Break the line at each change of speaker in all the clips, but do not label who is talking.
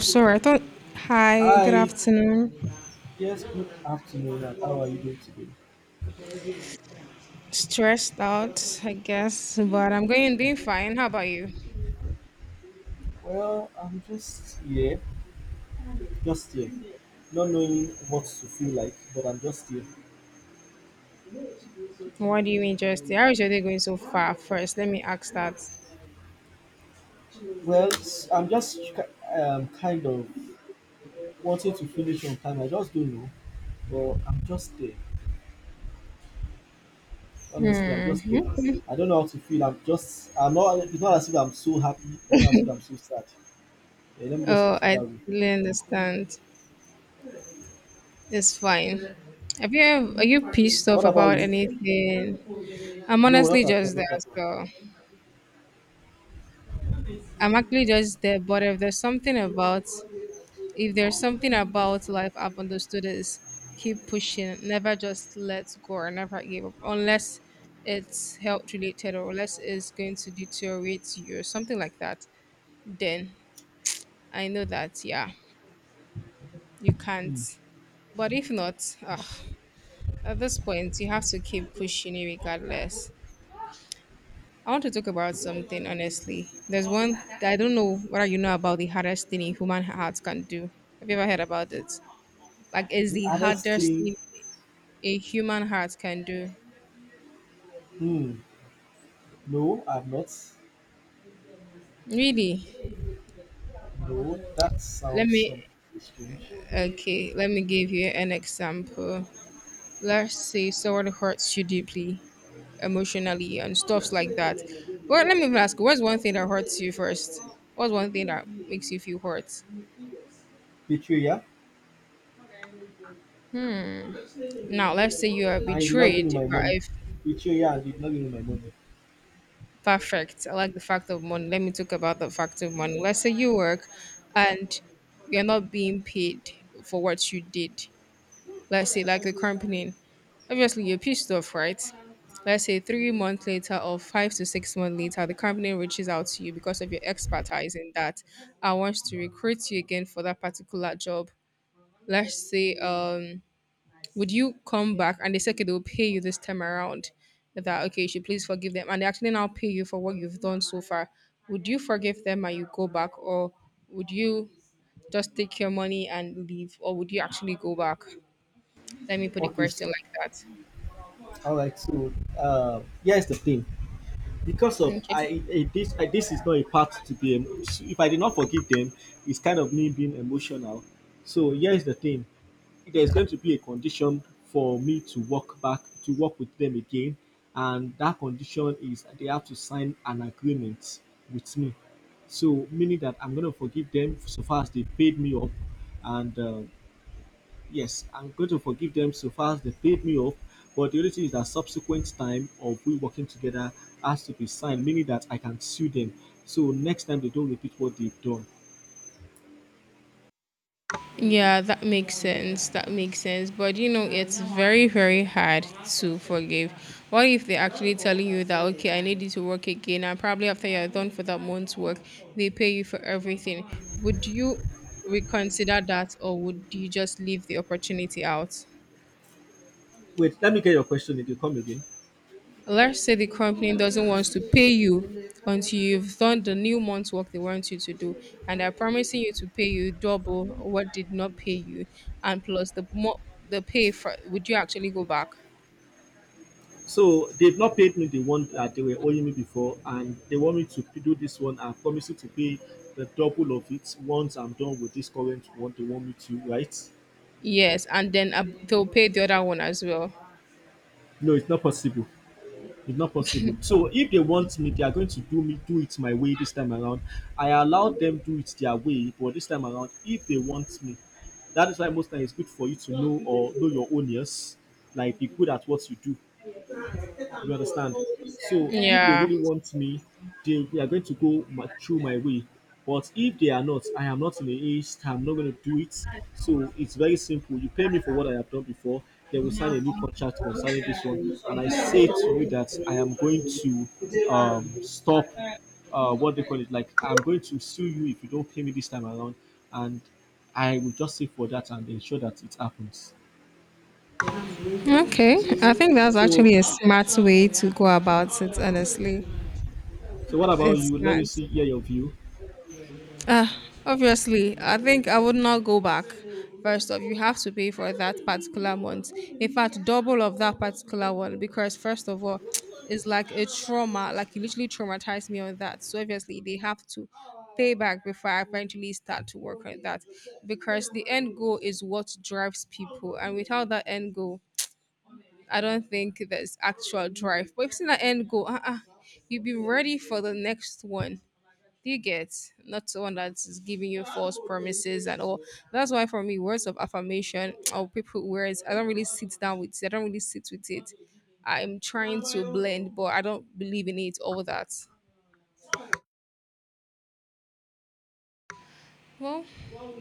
Sorry, I thought. Hi, good
Hi,
afternoon.
yes, good afternoon, and how are you doing today?
Stressed out, I guess, but I'm going doing fine. How about you?
Well, I'm just here, just here, not knowing what to feel like, but I'm just here.
What do you interest? How is your day going so far? First, let me ask that.
Well, I'm just kind of wanting to finish on time, I just don't know, but I'm just there. Honestly, I'm
Hmm.
just there. I don't know how to feel, I'm not, it's not as if I'm so happy, it's not as if I'm so sad. Yeah, let me just
Oh,
put it
I
that way.
totally understand. It's fine. Are you pissed
What
off
about
about
you?
anything? I'm
No, not
honestly
at all,
just
not
there.
at all.
So I'm actually just there, but if there's something about, if there's something about life I've understood is, keep pushing, never just let go or never give up unless it's health related or unless it's going to deteriorate you or something like that. Then I know that, yeah, you can't.
Hmm.
But if not, at this point you have to keep pushing it regardless. I want to talk about something honestly. There's one that I don't know whether you know about, the hardest thing a human heart can do. Have you ever heard about it? Like, it's
The
the
hardest
hardest
thing,
thing a human heart can do.
hmm, no, I'm not.
Really?
No, that
Let
sounds something
me,
strange.
okay, let me give you an example. Let's say someone hurts you deeply, emotionally, and stuffs like that. Well, let me even ask, what's one thing that hurts you first? What's one thing that makes you feel hurt?
Betrayal?
Hmm. Now, let's say you are
And you did not give
betrayed
me my
by
money. Betrayal and you did not give me my money.
perfect. I like the fact of money. Let me talk about the fact of money. Let's say you work and you're not being paid for what you did. Let's say, like, the company, obviously you're pissed off, right? Let's say 3 months later or 5 to 6 months later the company reaches out to you because of your expertise in that and wants to recruit you again for that particular job. Let's say Would you come back? And they say, okay, they'll pay you this time around, that okay, you should please forgive them, and they actually now pay you for what you've done so far. Would you forgive them and you go back, or would you just take your money and leave, or would you actually go back? Let me put the
Okay, so
question like that.
all right, so uh here's the thing. because of
Okay.
I, I this I, this is not a part to be if I did not forgive them, it's kind of me being emotional. So here's the thing: there's going to be a condition for me to work with them again, and that condition is they have to sign an agreement with me. So meaning that I'm going to forgive them so far as they paid me up, and yes, I'm going to forgive them so far as they paid me off. But the only thing is that subsequent time of we working together has to be signed, meaning that I can sue them. So next time they don't repeat what they've done.
Yeah, that makes sense. That makes sense. But you know, it's very, very hard to forgive. What if they're actually telling you that, okay, I need you to work again, and probably after you're done for that month's work, they pay you for everything? Would you reconsider that, or would you just leave the opportunity out?
Wait, let me get your question if you come again.
Let's say the company doesn't want to pay you until you've done the new month's work they want you to do, and they're promising you to pay you double what did not pay you, and plus the more, the pay for, would you actually go back?
So they've not paid me the one that they were owing me before, and they want me to do this one. I'm promising to pay the double of it once I'm done with this current one they want me to, right?
Yes, and then they'll pay the other one as well.
No, it's not possible. It's not possible. So if they want me, they are going to do me do it my way this time around. I allow them do it their way, but this time around, if they want me, that is why most times it's good for you to know or know your own ears. Like be good at what you do. You understand? So if they
Yeah.
really want me, they are going to go through my way. But if they are not, I am not in the age, I'm not going to do it. So it's very simple. You pay me for what I have done before, they will sign a new contract concerning this one. And I say to you that I am going to stop what they call it, like I'm going to sue you if you don't pay me this time around. And I will just sit for that and ensure that it happens.
Okay, I think that's
So,
actually a smart way to go about it, honestly.
so, what about
It's
you? Let me
smart.
see, hear your view.
Uh, Obviously, I think I would not go back. First off, you have to pay for that particular month. In fact, double of that particular one, because first of all, it's like a trauma. Like, you literally traumatized me on that. So obviously, they have to pay back before I eventually start to work on that, because the end goal is what drives people, and without that end goal, I don't think there's actual drive. But if it's an end goal, uh-uh, you'll be ready for the next one. Do you get? Not someone that is giving you false promises and all. That's why for me, words of affirmation or people words, I don't really sit down with it. I don't really sit with it. I'm trying to blend, but I don't believe in it. All that. Well,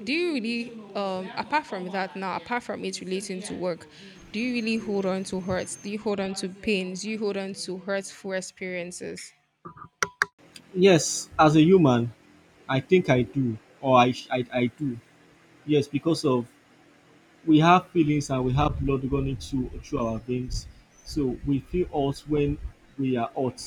do you really, apart from that now, apart from it relating to work, do you really hold on to hurts? Do you hold on to pains? Do you hold on to hurtful experiences?
Yes, as a human, I think I do, or I, sh- I do. Yes, because of we have feelings and we have blood running through our veins. So we feel hot when we are hot.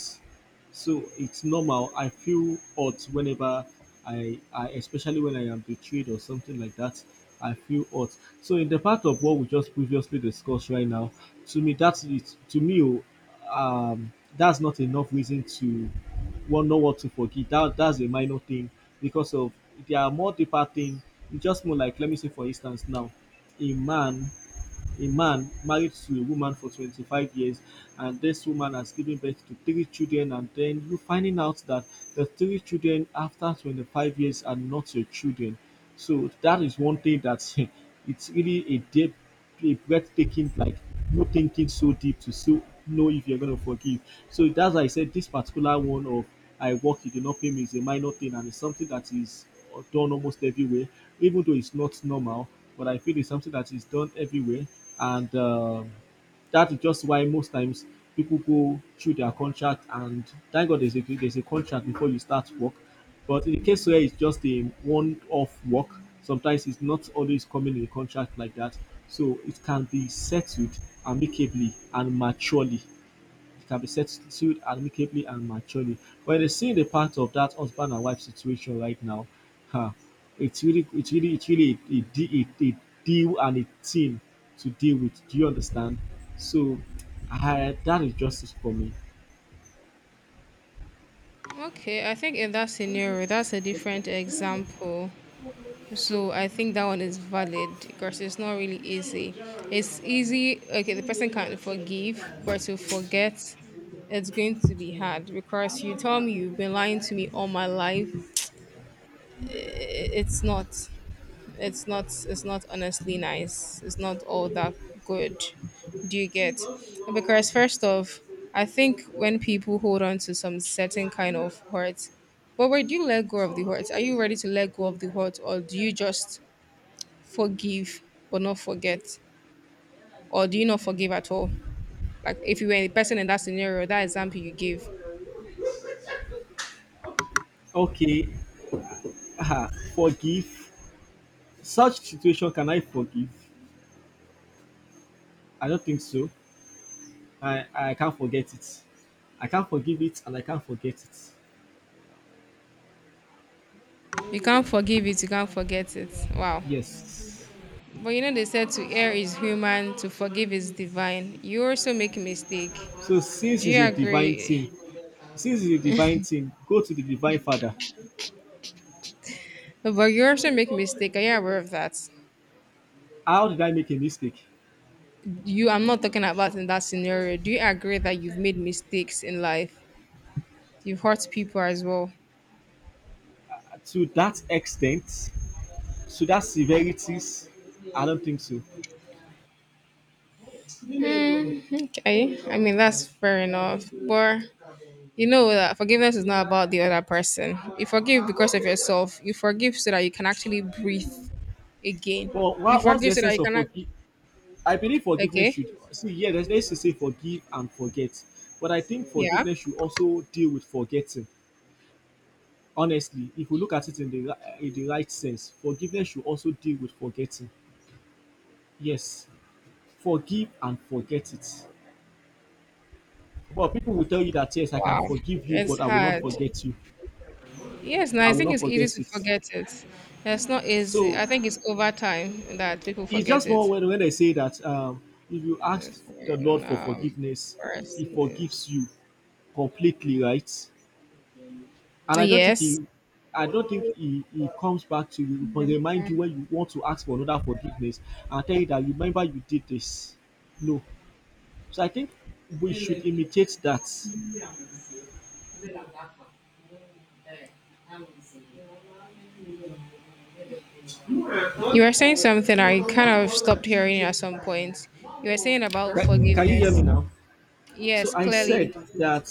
So it's normal. I feel hot whenever I especially when I am betrayed or something like that. I feel hot. So in the part of what we just previously discussed right now, to me that's it. To me, um, that's not enough reason to one know what to forgive. That's a minor thing because of there are more deeper things. It's just more like let me say for instance now a man a man married to a woman for 25 years and this woman has given birth to three children and then you finding out that the three children after 25 years are not your children. So that is one thing that it's really a deep, a breathtaking, like, no thinking so deep to so know if you're going to forgive. So that's why I said this particular one of I work you did not pay me is a minor thing, and it's something that is done almost everywhere, even though it's not normal. But I feel it's something that is done everywhere, and that is just why most times people go through their contract. And thank God there's a contract before you start work. But in the case where it's just a one-off work, sometimes it's not always coming in a contract like that. So it can be settled amicably and maturely. It can be settled amicably and maturely. But it is seeing the part of that husband and wife situation right now. Huh. It's really a deal and a team to deal with. Do you understand? So, that is justice for me.
Okay, I think in that scenario, that's a different example. So I think that one is valid because it's not really easy. It's easy, okay, the person can forgive, but to forget, it's going to be hard, because you tell me you've been lying to me all my life. I- i- It's not, it's not honestly nice. It's not all that good. Do you get? Because first off, I think when people hold on to some certain kind of hurt, but where do you let go of the hurt? Are you ready to let go of the hurt, or do you just forgive but not forget? Or do you not forgive at all? Like, if you were a person in that scenario, that example you gave,
Okay, uh, forgive. Such situation, can I forgive? I don't think so. I can't forget it. I can't forgive it and I can't forget it.
you can't forgive it, you can't forget it. Wow.
Yes.
But you know, they said to err is human, to forgive is divine. You also make a mistake.
So since
Do
it's
you
a divine
agree?
thing, go to the divine father.
No, but you also make a mistake. Are you aware of that?
How did I make a mistake?
You, I'm not talking about in that scenario. Do you agree that you've made mistakes in life? You've hurt people as well.
To that extent, to that severities, I don't think so.
Hmm, okay, I mean that's fair enough, but you know that forgiveness is not about the other person. You forgive because of yourself. You forgive so that you can actually breathe again.
But
You
what's the
forgive so that
essence
you
of
can act.
forgive? I believe forgiveness
Okay.
should see. Yeah, there's to say forgive and forget, but I think
Yeah.
forgiveness should also deal with forgetting. Honestly, if we look at it in the right sense, forgiveness should also deal with forgetting. Yes, forgive and forget it. Well, people will tell you that yes, I can
Wow.
forgive you,
It's
but I will not
hard.
forget you.
Yes. No,
I
I
will
think
not
it's easy
forget
to
it.
forget it. It's not easy.
So
I think it's over time that people
it's
forget
just more
it.
when I say that if you ask
This
the Lord for
um,
forgiveness,
first
He
is-
forgives you completely, right? And I don't think
Yes.
He, I don't think he comes back to you but remind you when you want to ask for another forgiveness and tell you that remember you did this. No. So I think we should imitate that.
Mira, monsieur. Mira la capa. Eh, you were saying something, I kind of stopped hearing you at some point. You were saying about
Can, can you hear me
forgiveness.
now? So
Yes,
I said
clearly.
that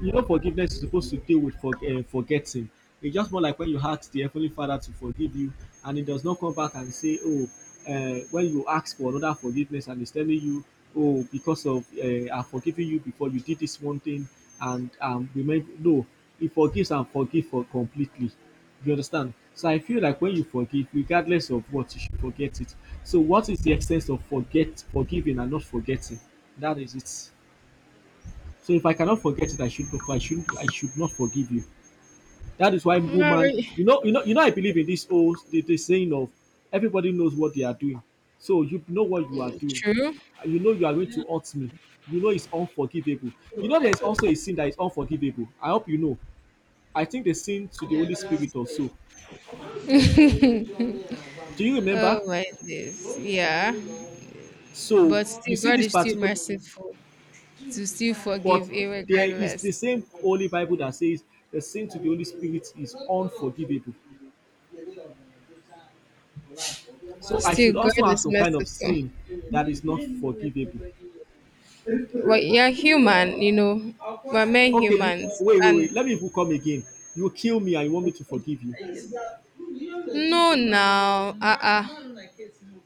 you know forgiveness is supposed to deal with forgetting. It's just more like when you ask the Heavenly Father to forgive you, and it does not come back and say, "When you ask for another forgiveness, and it's telling you, oh, because of I've forgiven you before you did this one thing, and remember, no, He forgives and forgive for completely." You understand? So I feel like when you forgive, regardless of what, you should forget it. So what is the extent of forget, forgiving, and not forgetting? That is it. So if I cannot forget it, I should not forgive you. That is why
Not
woman,
really.
I believe in this old the saying of everybody knows what they are doing. So you know what you are doing.
True.
And you know you are going to hurt me. You know it's unforgivable. You know there's also a sin that is unforgivable. I hope you know. I think the sin to the Holy Spirit also. Do you
Oh
remember?
my days. Yeah.
So
But
you
still
see
God
this
is still
particular,
merciful to still forgive
but there is
irregardless.
the same Holy Bible that says the sin to the Holy Spirit is unforgivable. So I
Still,
should also
God
have
is
some kind of
merciful.
sin that is not forgivable.
Well, you're human, you know. We're mere
Okay, you
humans.
wait, wait, wait.
And
Let me even come again. You kill me and you want me to
okay.
forgive you.
No, now,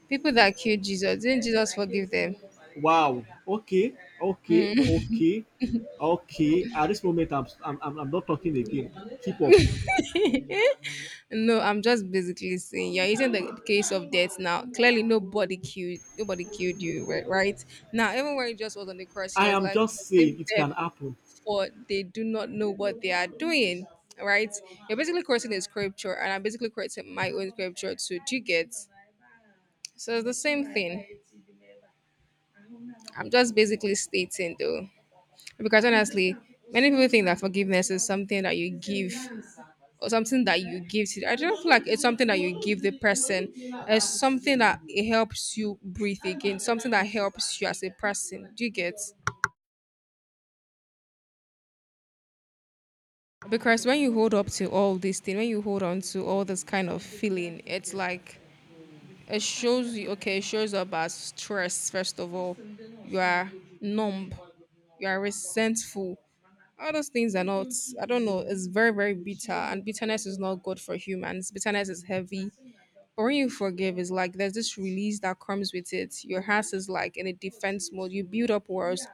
people that killed Jesus, didn't Jesus forgive them?
Wow. Okay, okay,
Mm.
okay, okay. At this moment, I'm not talking again. Keep up.
No, I'm just basically saying you're using the case of death now. Clearly, nobody killed you, right? Now, even when he just was on the cross, he
I
was
am
like,
just
"Forgive
saying it
them,
can happen.
for they do not know what they are doing." Right? You're basically quoting a scripture, and I'm basically quoting my own scripture too. Do you get? So it's the same thing. I'm just basically stating, though, because honestly, many people think that forgiveness is something that you give, or something that you give to, I don't feel like it's something that you give the person. It's something that, it helps you breathe again, something that helps you as a person. Do you get? Because when you hold up to all these things, when you hold on to all this kind of feeling, it's like, it shows you, okay, it shows up as stress. First of all, you are numb, you are resentful. All those things are not, I don't know, it's very, very bitter, and bitterness is not good for humans. Bitterness is heavy. But when you forgive, it's like there's this release that comes with it. Your heart is like in a defense mode. You build up walls,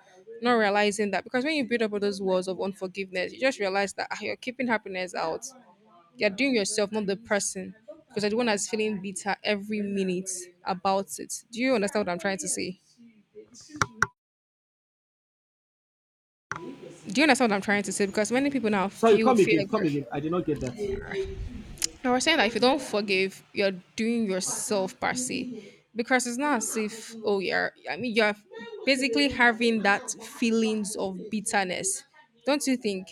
not realizing that, because when you build up all those walls of unforgiveness, you just realize that, ah, you're keeping happiness out. You're doing yourself, not the person. Because you're the one that's feeling bitter every minute about it. Do you understand what I'm trying to say? Do you understand what I'm trying to say? Because many people now
So you
feel
come
fear.
again, come again. I did not get that.
No, I was saying that if you don't forgive, you're doing yourself per se. Because it's not as if, oh, you're, I mean, you're basically having that feelings of bitterness. Don't you think?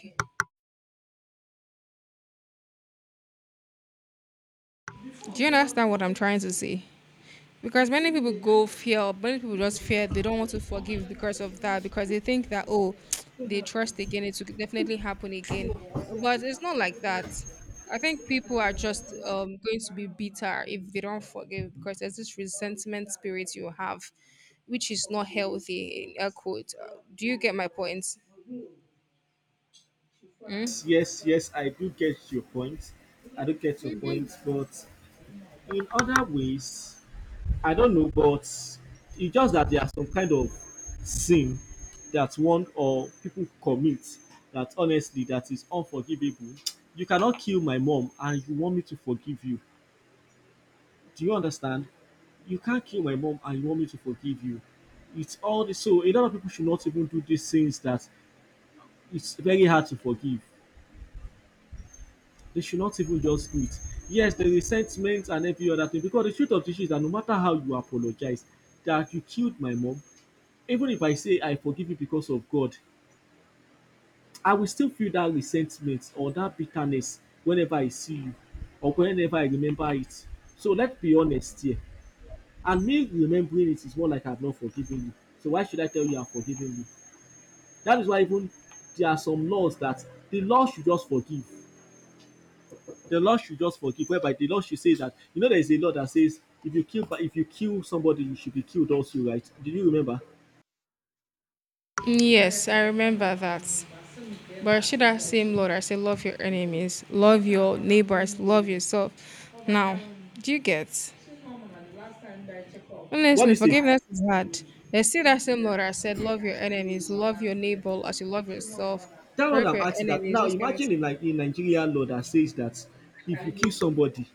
Do you understand what I'm trying to say? Because many people go fear, many people just fear, they don't want to forgive because of that, because they think that, oh, they trust again, it will definitely happen again. But it's not like that. I think people are just going to be bitter if they don't forgive, because there's this resentment spirit you have, which is not healthy, in air quote. Do you get my point? Mm?
Yes, yes, I do get your point. I do get your point, but in other ways, I don't know, but it's just that there are some kind of sin that one or people commit that honestly that is unforgivable. You cannot kill my mom and you want me to forgive you. Do you understand? You can't kill my mom and you want me to forgive you. It's all this. So a lot of people should not even do these things that it's very hard to forgive. They should not even just do it. Yes, the resentment and every other thing. Because the truth of the issue is that no matter how you apologize, that you killed my mom even if I say I forgive you because of God, I will still feel that resentment or that bitterness whenever I see you or whenever I remember it. So let's be honest here. And me remembering it is more like I've not forgiven you. So why should I tell you I've forgiven you? That is why even there are some laws that the law should just forgive. The law should just forgive. Whereby the law should say that you know there is a law that says if you kill somebody you should be killed also, right? Do you remember?
Yes, I remember that. But should I, same Lord, I say, love your enemies, love your neighbors, love yourself. Now, do you get?
What do
Honestly,
you say?
forgiveness is hard. There's, see, that same Lord, I said, love your enemies, love your neighbor as you love yourself,
That's what
pray for
I'm
your
asking that.
enemies,
Now
this kind of,
imagine in Nigeria law that says that if you kill somebody,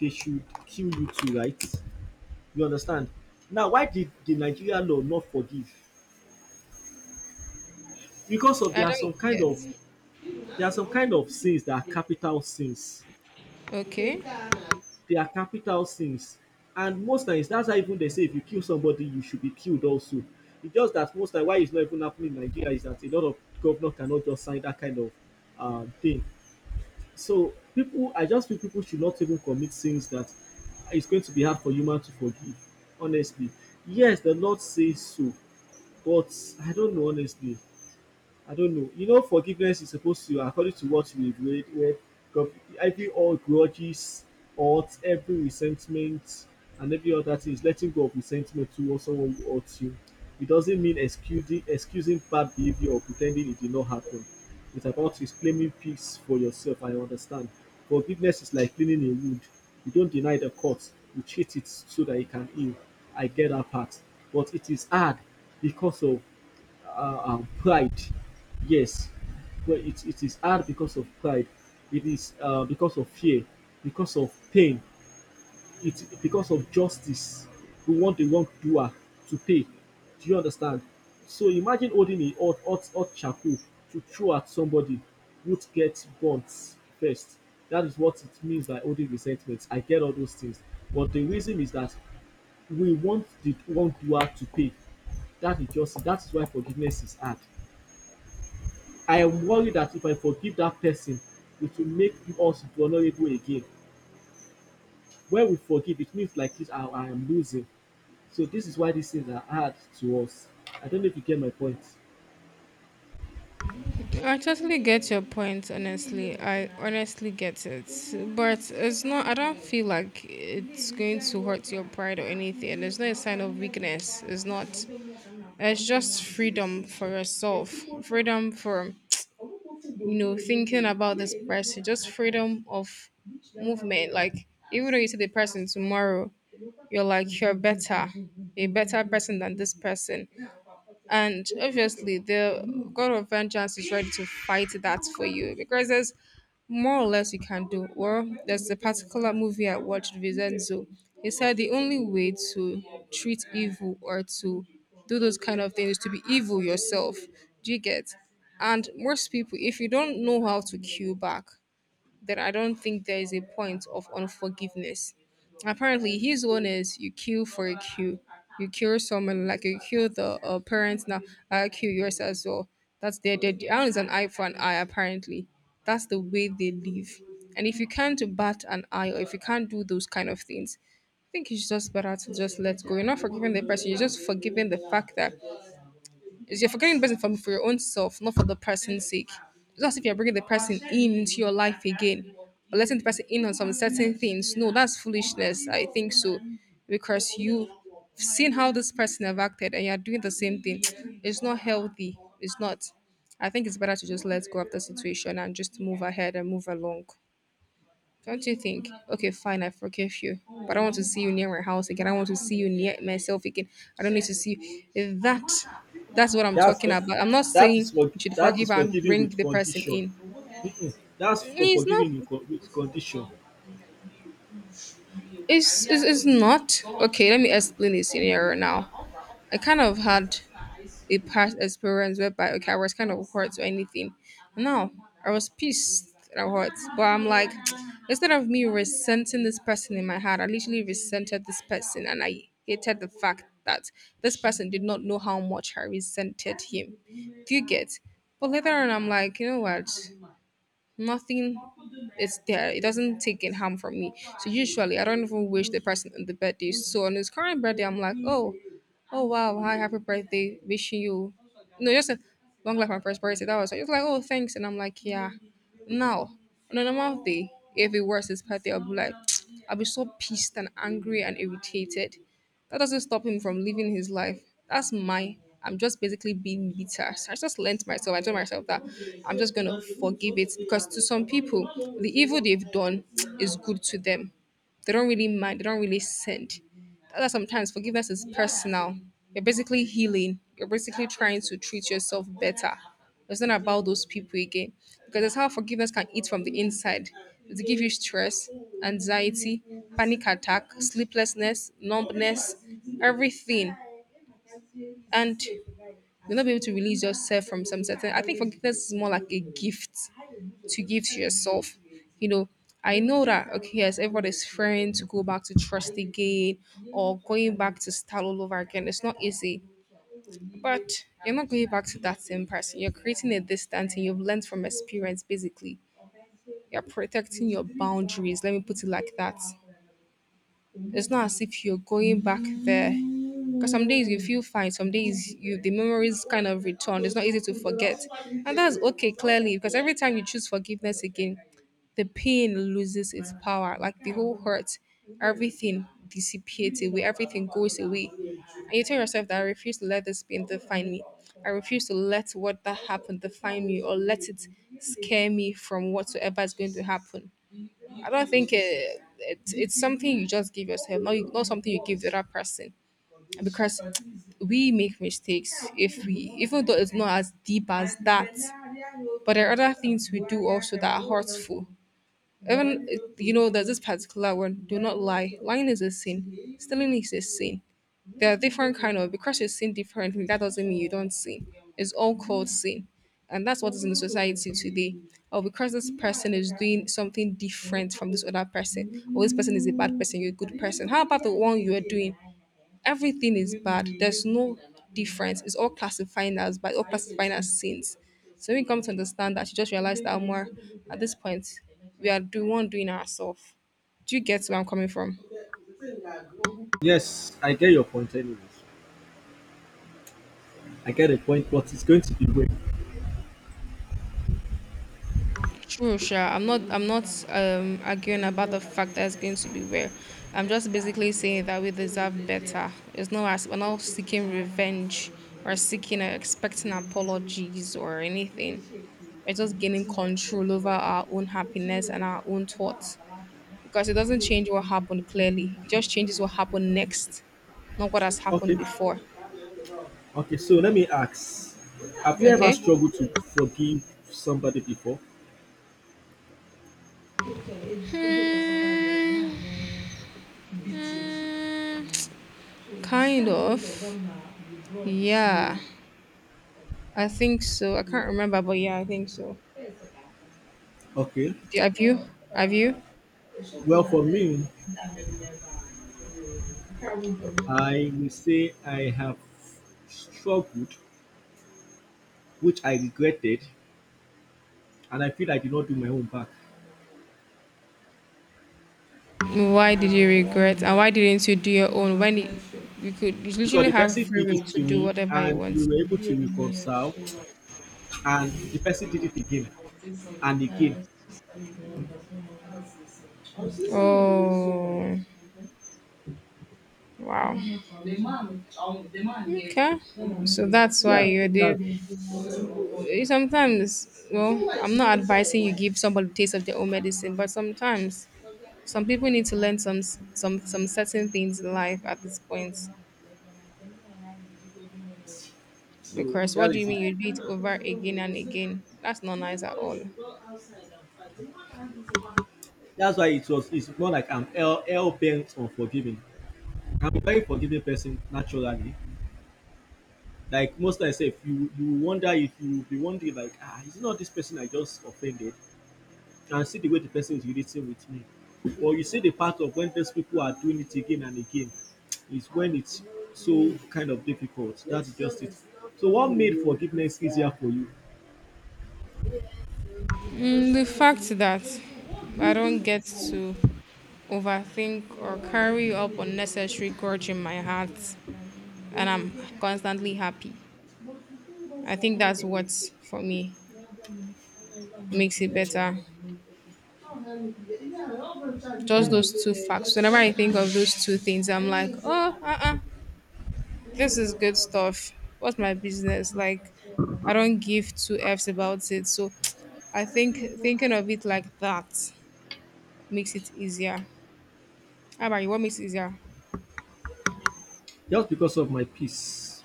they should kill you too, right? You understand? Now why did the Nigeria law not forgive? Because of there
I
are
don't
some kind of
get.
there are some kind of sins that are capital sins.
Okay.
They are capital sins. And most times that's how even they say if you kill somebody, you should be killed also. It's just that most time why it's not even happening in Nigeria is that a lot of governor cannot just sign that kind of thing. So people, I just feel people should not even commit sins that it's going to be hard for human to forgive. Honestly, yes, the Lord says so, but I don't know honestly. I don't know. You know, forgiveness is supposed to, according to what we've read, where God- I think all grudges, hurt, every resentment, and every other thing is letting go of resentment towards someone who hurts you. It doesn't mean excusing bad behavior or pretending it did not happen. It's about reclaiming peace for yourself. I understand. Forgiveness is like cleaning a wound. You don't deny the cut, you treat it so that it can heal. I get that part. But it is hard because of pride. Yes, but it is hard because of pride. It is because of fear, because of pain, it because of justice. We want the wrongdoer to pay. Do you understand? So imagine holding a hot charcoal to throw at somebody would get burnt first. That is what it means by holding resentment. I get all those things. But the reason is that we want the wrongdoer to pay. That is just that is why forgiveness is hard. I am worried that if I forgive that person, it will make us vulnerable again. When we forgive, it means like this, I am losing. So this is why these things are hard to us. I don't know if you get my point.
I totally get your point, honestly. I honestly get it. But it's not, I don't feel like it's going to hurt your pride or anything. It's not a sign of weakness. It's not. It's just freedom for yourself, freedom from, you know, thinking about this person, just freedom of movement. Like, even though you see the person tomorrow, you're like, you're better, a better person than this person. And obviously, the God of Vengeance is ready to fight that for you because there's more or less you can do. Well, there's a particular movie I watched, Vincenzo. He said the only way to treat evil or to do those kind of things is to be evil yourself. Do you get? And most people, if you don't know how to cue back, that I don't think there is a point of unforgiveness. Apparently, his one is you kill for a queue. You kill someone like you kill the parents now. I kill yours as well. That's their Iron is an eye for an eye. Apparently, that's the way they live. And if you can't bat an eye, or if you can't do those kind of things, I think it's just better to just let go. You're not forgiving the person. You're just forgiving the fact that is you're forgetting the person for your own self, not for the person's sake. It's not as if you're bringing the person in into your life again or letting the person in on some certain things. No, that's foolishness. I think so. Because you've seen how this person have acted and you're doing the same thing. It's not healthy. It's not. I think it's better to just let go of the situation and just move ahead and move along. Don't you think? Okay, fine, I forgive you, but I don't want to see you near my house again. I want to see you near myself again. I don't need to see you. That. That's what I'm
That's
talking
for,
about. I'm not
that is
saying
for
you should
that is
forgive and
forgiving
bring
with
the person
condition.
in.
Mm-mm. That's for
It's not.
forgiving with condition.
It's not. Okay, let me explain this scenario now. I kind of had a past experience whereby okay, I was kind of hurt or anything. No, I was pissed and hurt, but I'm like, instead of me resenting this person in my heart, I literally resented this person, and I hated the fact that this person did not know how much I resented him. Do you get? But later on, I'm like, you know what? Nothing. It's there. It doesn't take it harm from me. So usually I don't even wish the person on the birthday. So on his current birthday I'm like, oh, oh wow, hi, happy birthday, wishing you, no, just a long life and prosperity. That was just like, oh, thanks. And I'm like, yeah. Now on a normal day, if it was his birthday, I'll be like, I'll be so pissed and angry and irritated. That doesn't stop him from living his life. That's my. I'm just basically being bitter. So I just learnt myself. I told myself that I'm just gonna forgive it because to some people, the evil they've done is good to them. They don't really mind. They don't really send. That's sometimes forgiveness is personal. You're basically healing. You're basically trying to treat yourself better. It's not about those people again. Because that's how forgiveness can eat from the inside. It gives you stress, anxiety, panic attack, sleeplessness, numbness, everything. And you'll not be able to release yourself from some certain. I think forgiveness is more like a gift to give to yourself. You know, I know that okay, yes, everybody's fearing to go back to trust again or going back to start all over again. It's not easy. But you're not going back to that same person. You're creating a distance and you've learned from experience, basically. You're protecting your boundaries. Let me put it like that. It's not as if you're going back there. Because some days you feel fine, some days you the memories kind of return. It's not easy to forget. And that's okay, clearly, because every time you choose forgiveness again, the pain loses its power, like the whole hurt, everything dissipates away, everything goes away. And you tell yourself that I refuse to let this pain define me. I refuse to let what that happened define me or let it scare me from whatsoever is going to happen. I don't think it's something you just give yourself, not something you give the other person. Because we make mistakes if we, even though it's not as deep as that, but there are other things we do also that are hurtful even, you know, there's this particular one, do not lie. Lying is a sin, stealing is a sin. There are different kind of because you seen differently, that doesn't mean you don't sin. It's all called sin. And that's what is in the society today. Or because this person is doing something different from this other person, or this person is a bad person, you're a good person. How about the one you are doing? Everything is bad. There's no difference. It's all classifying as bad, all classifying as sins. So when you come to understand that, you just realize that more at this point, we are the one doing ourselves. Do you get where I'm coming from?
Yes, I get your point, anyways. I get the point, but it's going to be way.
True, sure. I'm not arguing about the fact that it's going to be rare. I'm just basically saying that we deserve better. It's not as we're not seeking revenge or seeking or expecting apologies or anything. We're just gaining control over our own happiness and our own thoughts because it doesn't change what happened clearly. It just changes what happened next, not what has happened
Okay,
before.
okay. So let me ask: have you ever
Okay.
struggled to forgive somebody before?
Mm, kind of. Yeah. I think so. I can't remember, but yeah, I think so.
Okay.
Do- Have you? Have you?
Well, for me, I will say I have struggled, which I regretted, and I feel I did not do my own back
Why did you regret? And why didn't you do your own when it, you could you
because
literally
the
have
person
free
did it
will to
to
do
me,
whatever you
and we
want?
were able to reconcile, and the person did it again and again.
Oh, wow. Okay. So that's why
Yeah,
you
that's
did. Sometimes, well, I'm not advising you give somebody the taste of their own medicine, but sometimes some people need to learn some certain things in life at this point.
so
Because
that
what do you
is it.
mean you do it over again and again? That's not nice at all.
That's why it was. It's more like I'm hell bent on forgiving. I'm a very forgiving person naturally. Like most times, if you wonder if you will be wondering like ah, is it not this person I just offended? And see the way the person is relating with me. But you see the part of when those people are doing it again and again is when it's so kind of difficult. That's just it. So what made forgiveness easier for you?
Mm, the fact that I don't get to overthink or carry up unnecessary grudge in my heart and I'm constantly happy. I think that's what, for me, makes it better. Just
Hmm.
those two facts. Whenever I think of those two things, I'm like, oh, this is good stuff. What's my business? Like, I don't give two F's about it. So I think thinking of it like that makes it easier. How about you? What makes it easier?
Just because of my peace.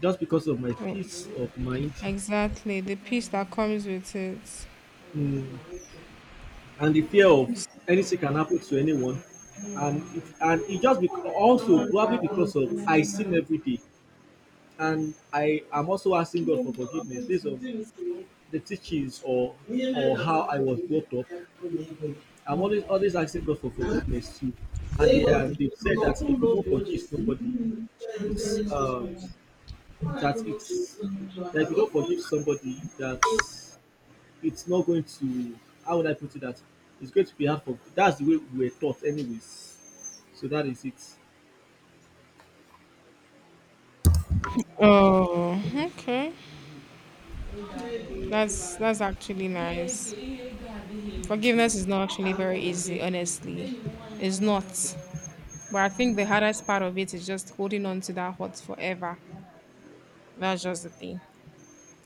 Just because of my
Oh,
peace of mind.
exactly. The peace that comes with it.
Hmm. And the fear of anything can happen to anyone. And it just also probably because of I sin every day. And I am also asking God for forgiveness based on the teachings or how I was brought up, I'm always asking God for forgiveness too. And they said that if you don't forgive somebody, it's that it's that if you don't forgive somebody, that it's not going to how would I put it that it's going to be hard for that's the way we were taught anyways. So that is it.
Oh, okay. That's actually nice. Forgiveness is not actually very easy, honestly. It's not. But I think the hardest part of it is just holding on to that hurt forever. That's just the thing.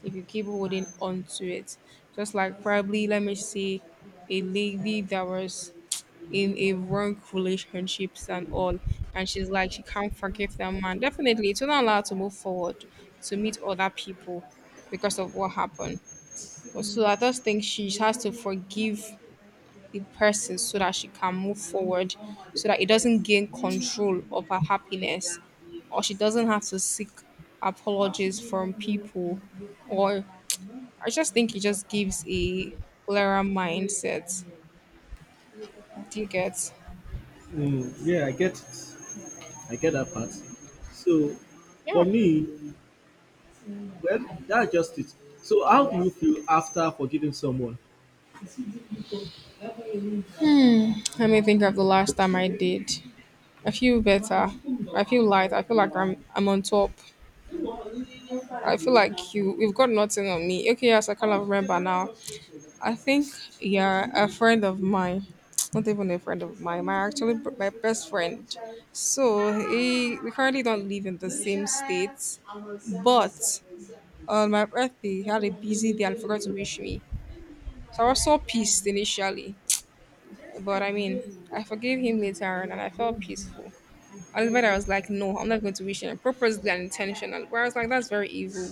If you keep holding on to it, just like probably let me see a lady that was in a wrong relationships and all. And she's like, she can't forgive that man. Definitely, it's not allowed to move forward to meet other people because of what happened. So I just think she has to forgive the person so that she can move forward, so that it doesn't gain control of her happiness, or she doesn't have to seek apologies from people. Or I just think it just gives a clearer mindset. Do you get?
Mm, yeah, I get it. I get that part. So for
Yeah.
me, well, that's just it. So how do you feel after forgiving someone?
Let me think of the last time I did. I feel better. I feel light. I feel like I'm on top. I feel like you've got nothing on me. Okay, yes, I kind of remember now. I think yeah, a friend of mine, not even a friend of mine, my actually b- my best friend. So he we currently don't live in the same state, but on my birthday he had a busy day and forgot to wish me. So I was so pissed initially. But I mean, I forgave him later on and I felt peaceful. Albert, I was like, no, I'm not going to wish him purposely and intentional. Where I was like, that's very evil.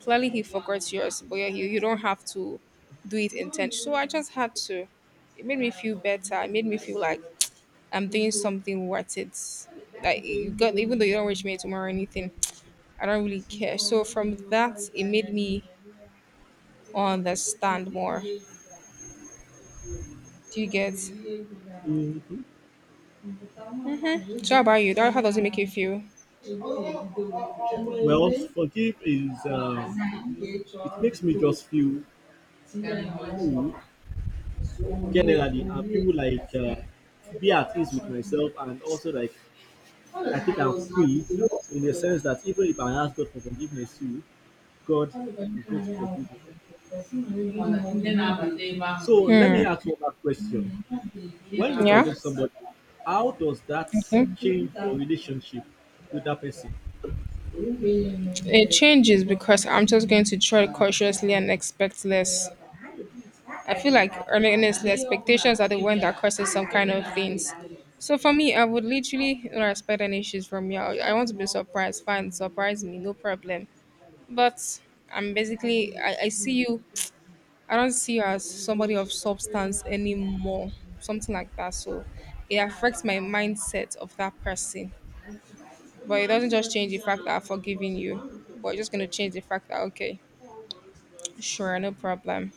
Clearly, he forgot yours, but yeah, you don't have to do it intention. So I just had to. It made me feel better. It made me feel like I'm doing something worth it. Like you got, even though you don't wish me tomorrow or anything, I don't really care. So from that, it made me understand more. Do you get?
Mhm.
Hmm. So how about you? That how does it make you feel? Ọmọ
Well,
ẹmẹ
forgive is
ìgbẹ́jọ́
it makes me
ìtò
just feel
tí ẹ̀ ń
cool generally, and feel like be at ease with myself, and also like I think I'm free in the sense that even if I ask God for forgiveness, you God is going to forgive me.
Ndị na-abata ebe ahu.
So let
Hmm.
me ask one last question: when you
Yeah.
forgive somebody, how does that
Okay.
change your relationship with that person?
It changes because I'm just going to try cautiously and expect less. I feel like honestly, expectations are the one that causes some kind of things. So for me, I would literally not expect any issues from you. I want to be surprised. Fine, surprise me, no problem. But I'm basically I see you, I don't see you as somebody of substance anymore. Something like that. So it affects my mindset of that person. But it doesn't just change the fact that I've forgiven you. But it's just gonna change the fact that okay, sure, no problem.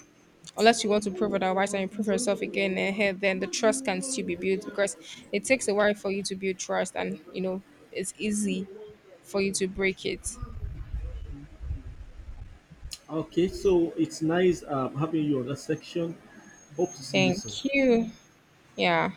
Unless you want to prove it otherwise and improve yourself again and here then the trust can still be built because it takes a while for you to build trust and you know it's easy for you to break it.
Okay, so it's nice having you on that section. Hope to see you soon.
Thank you. Yeah.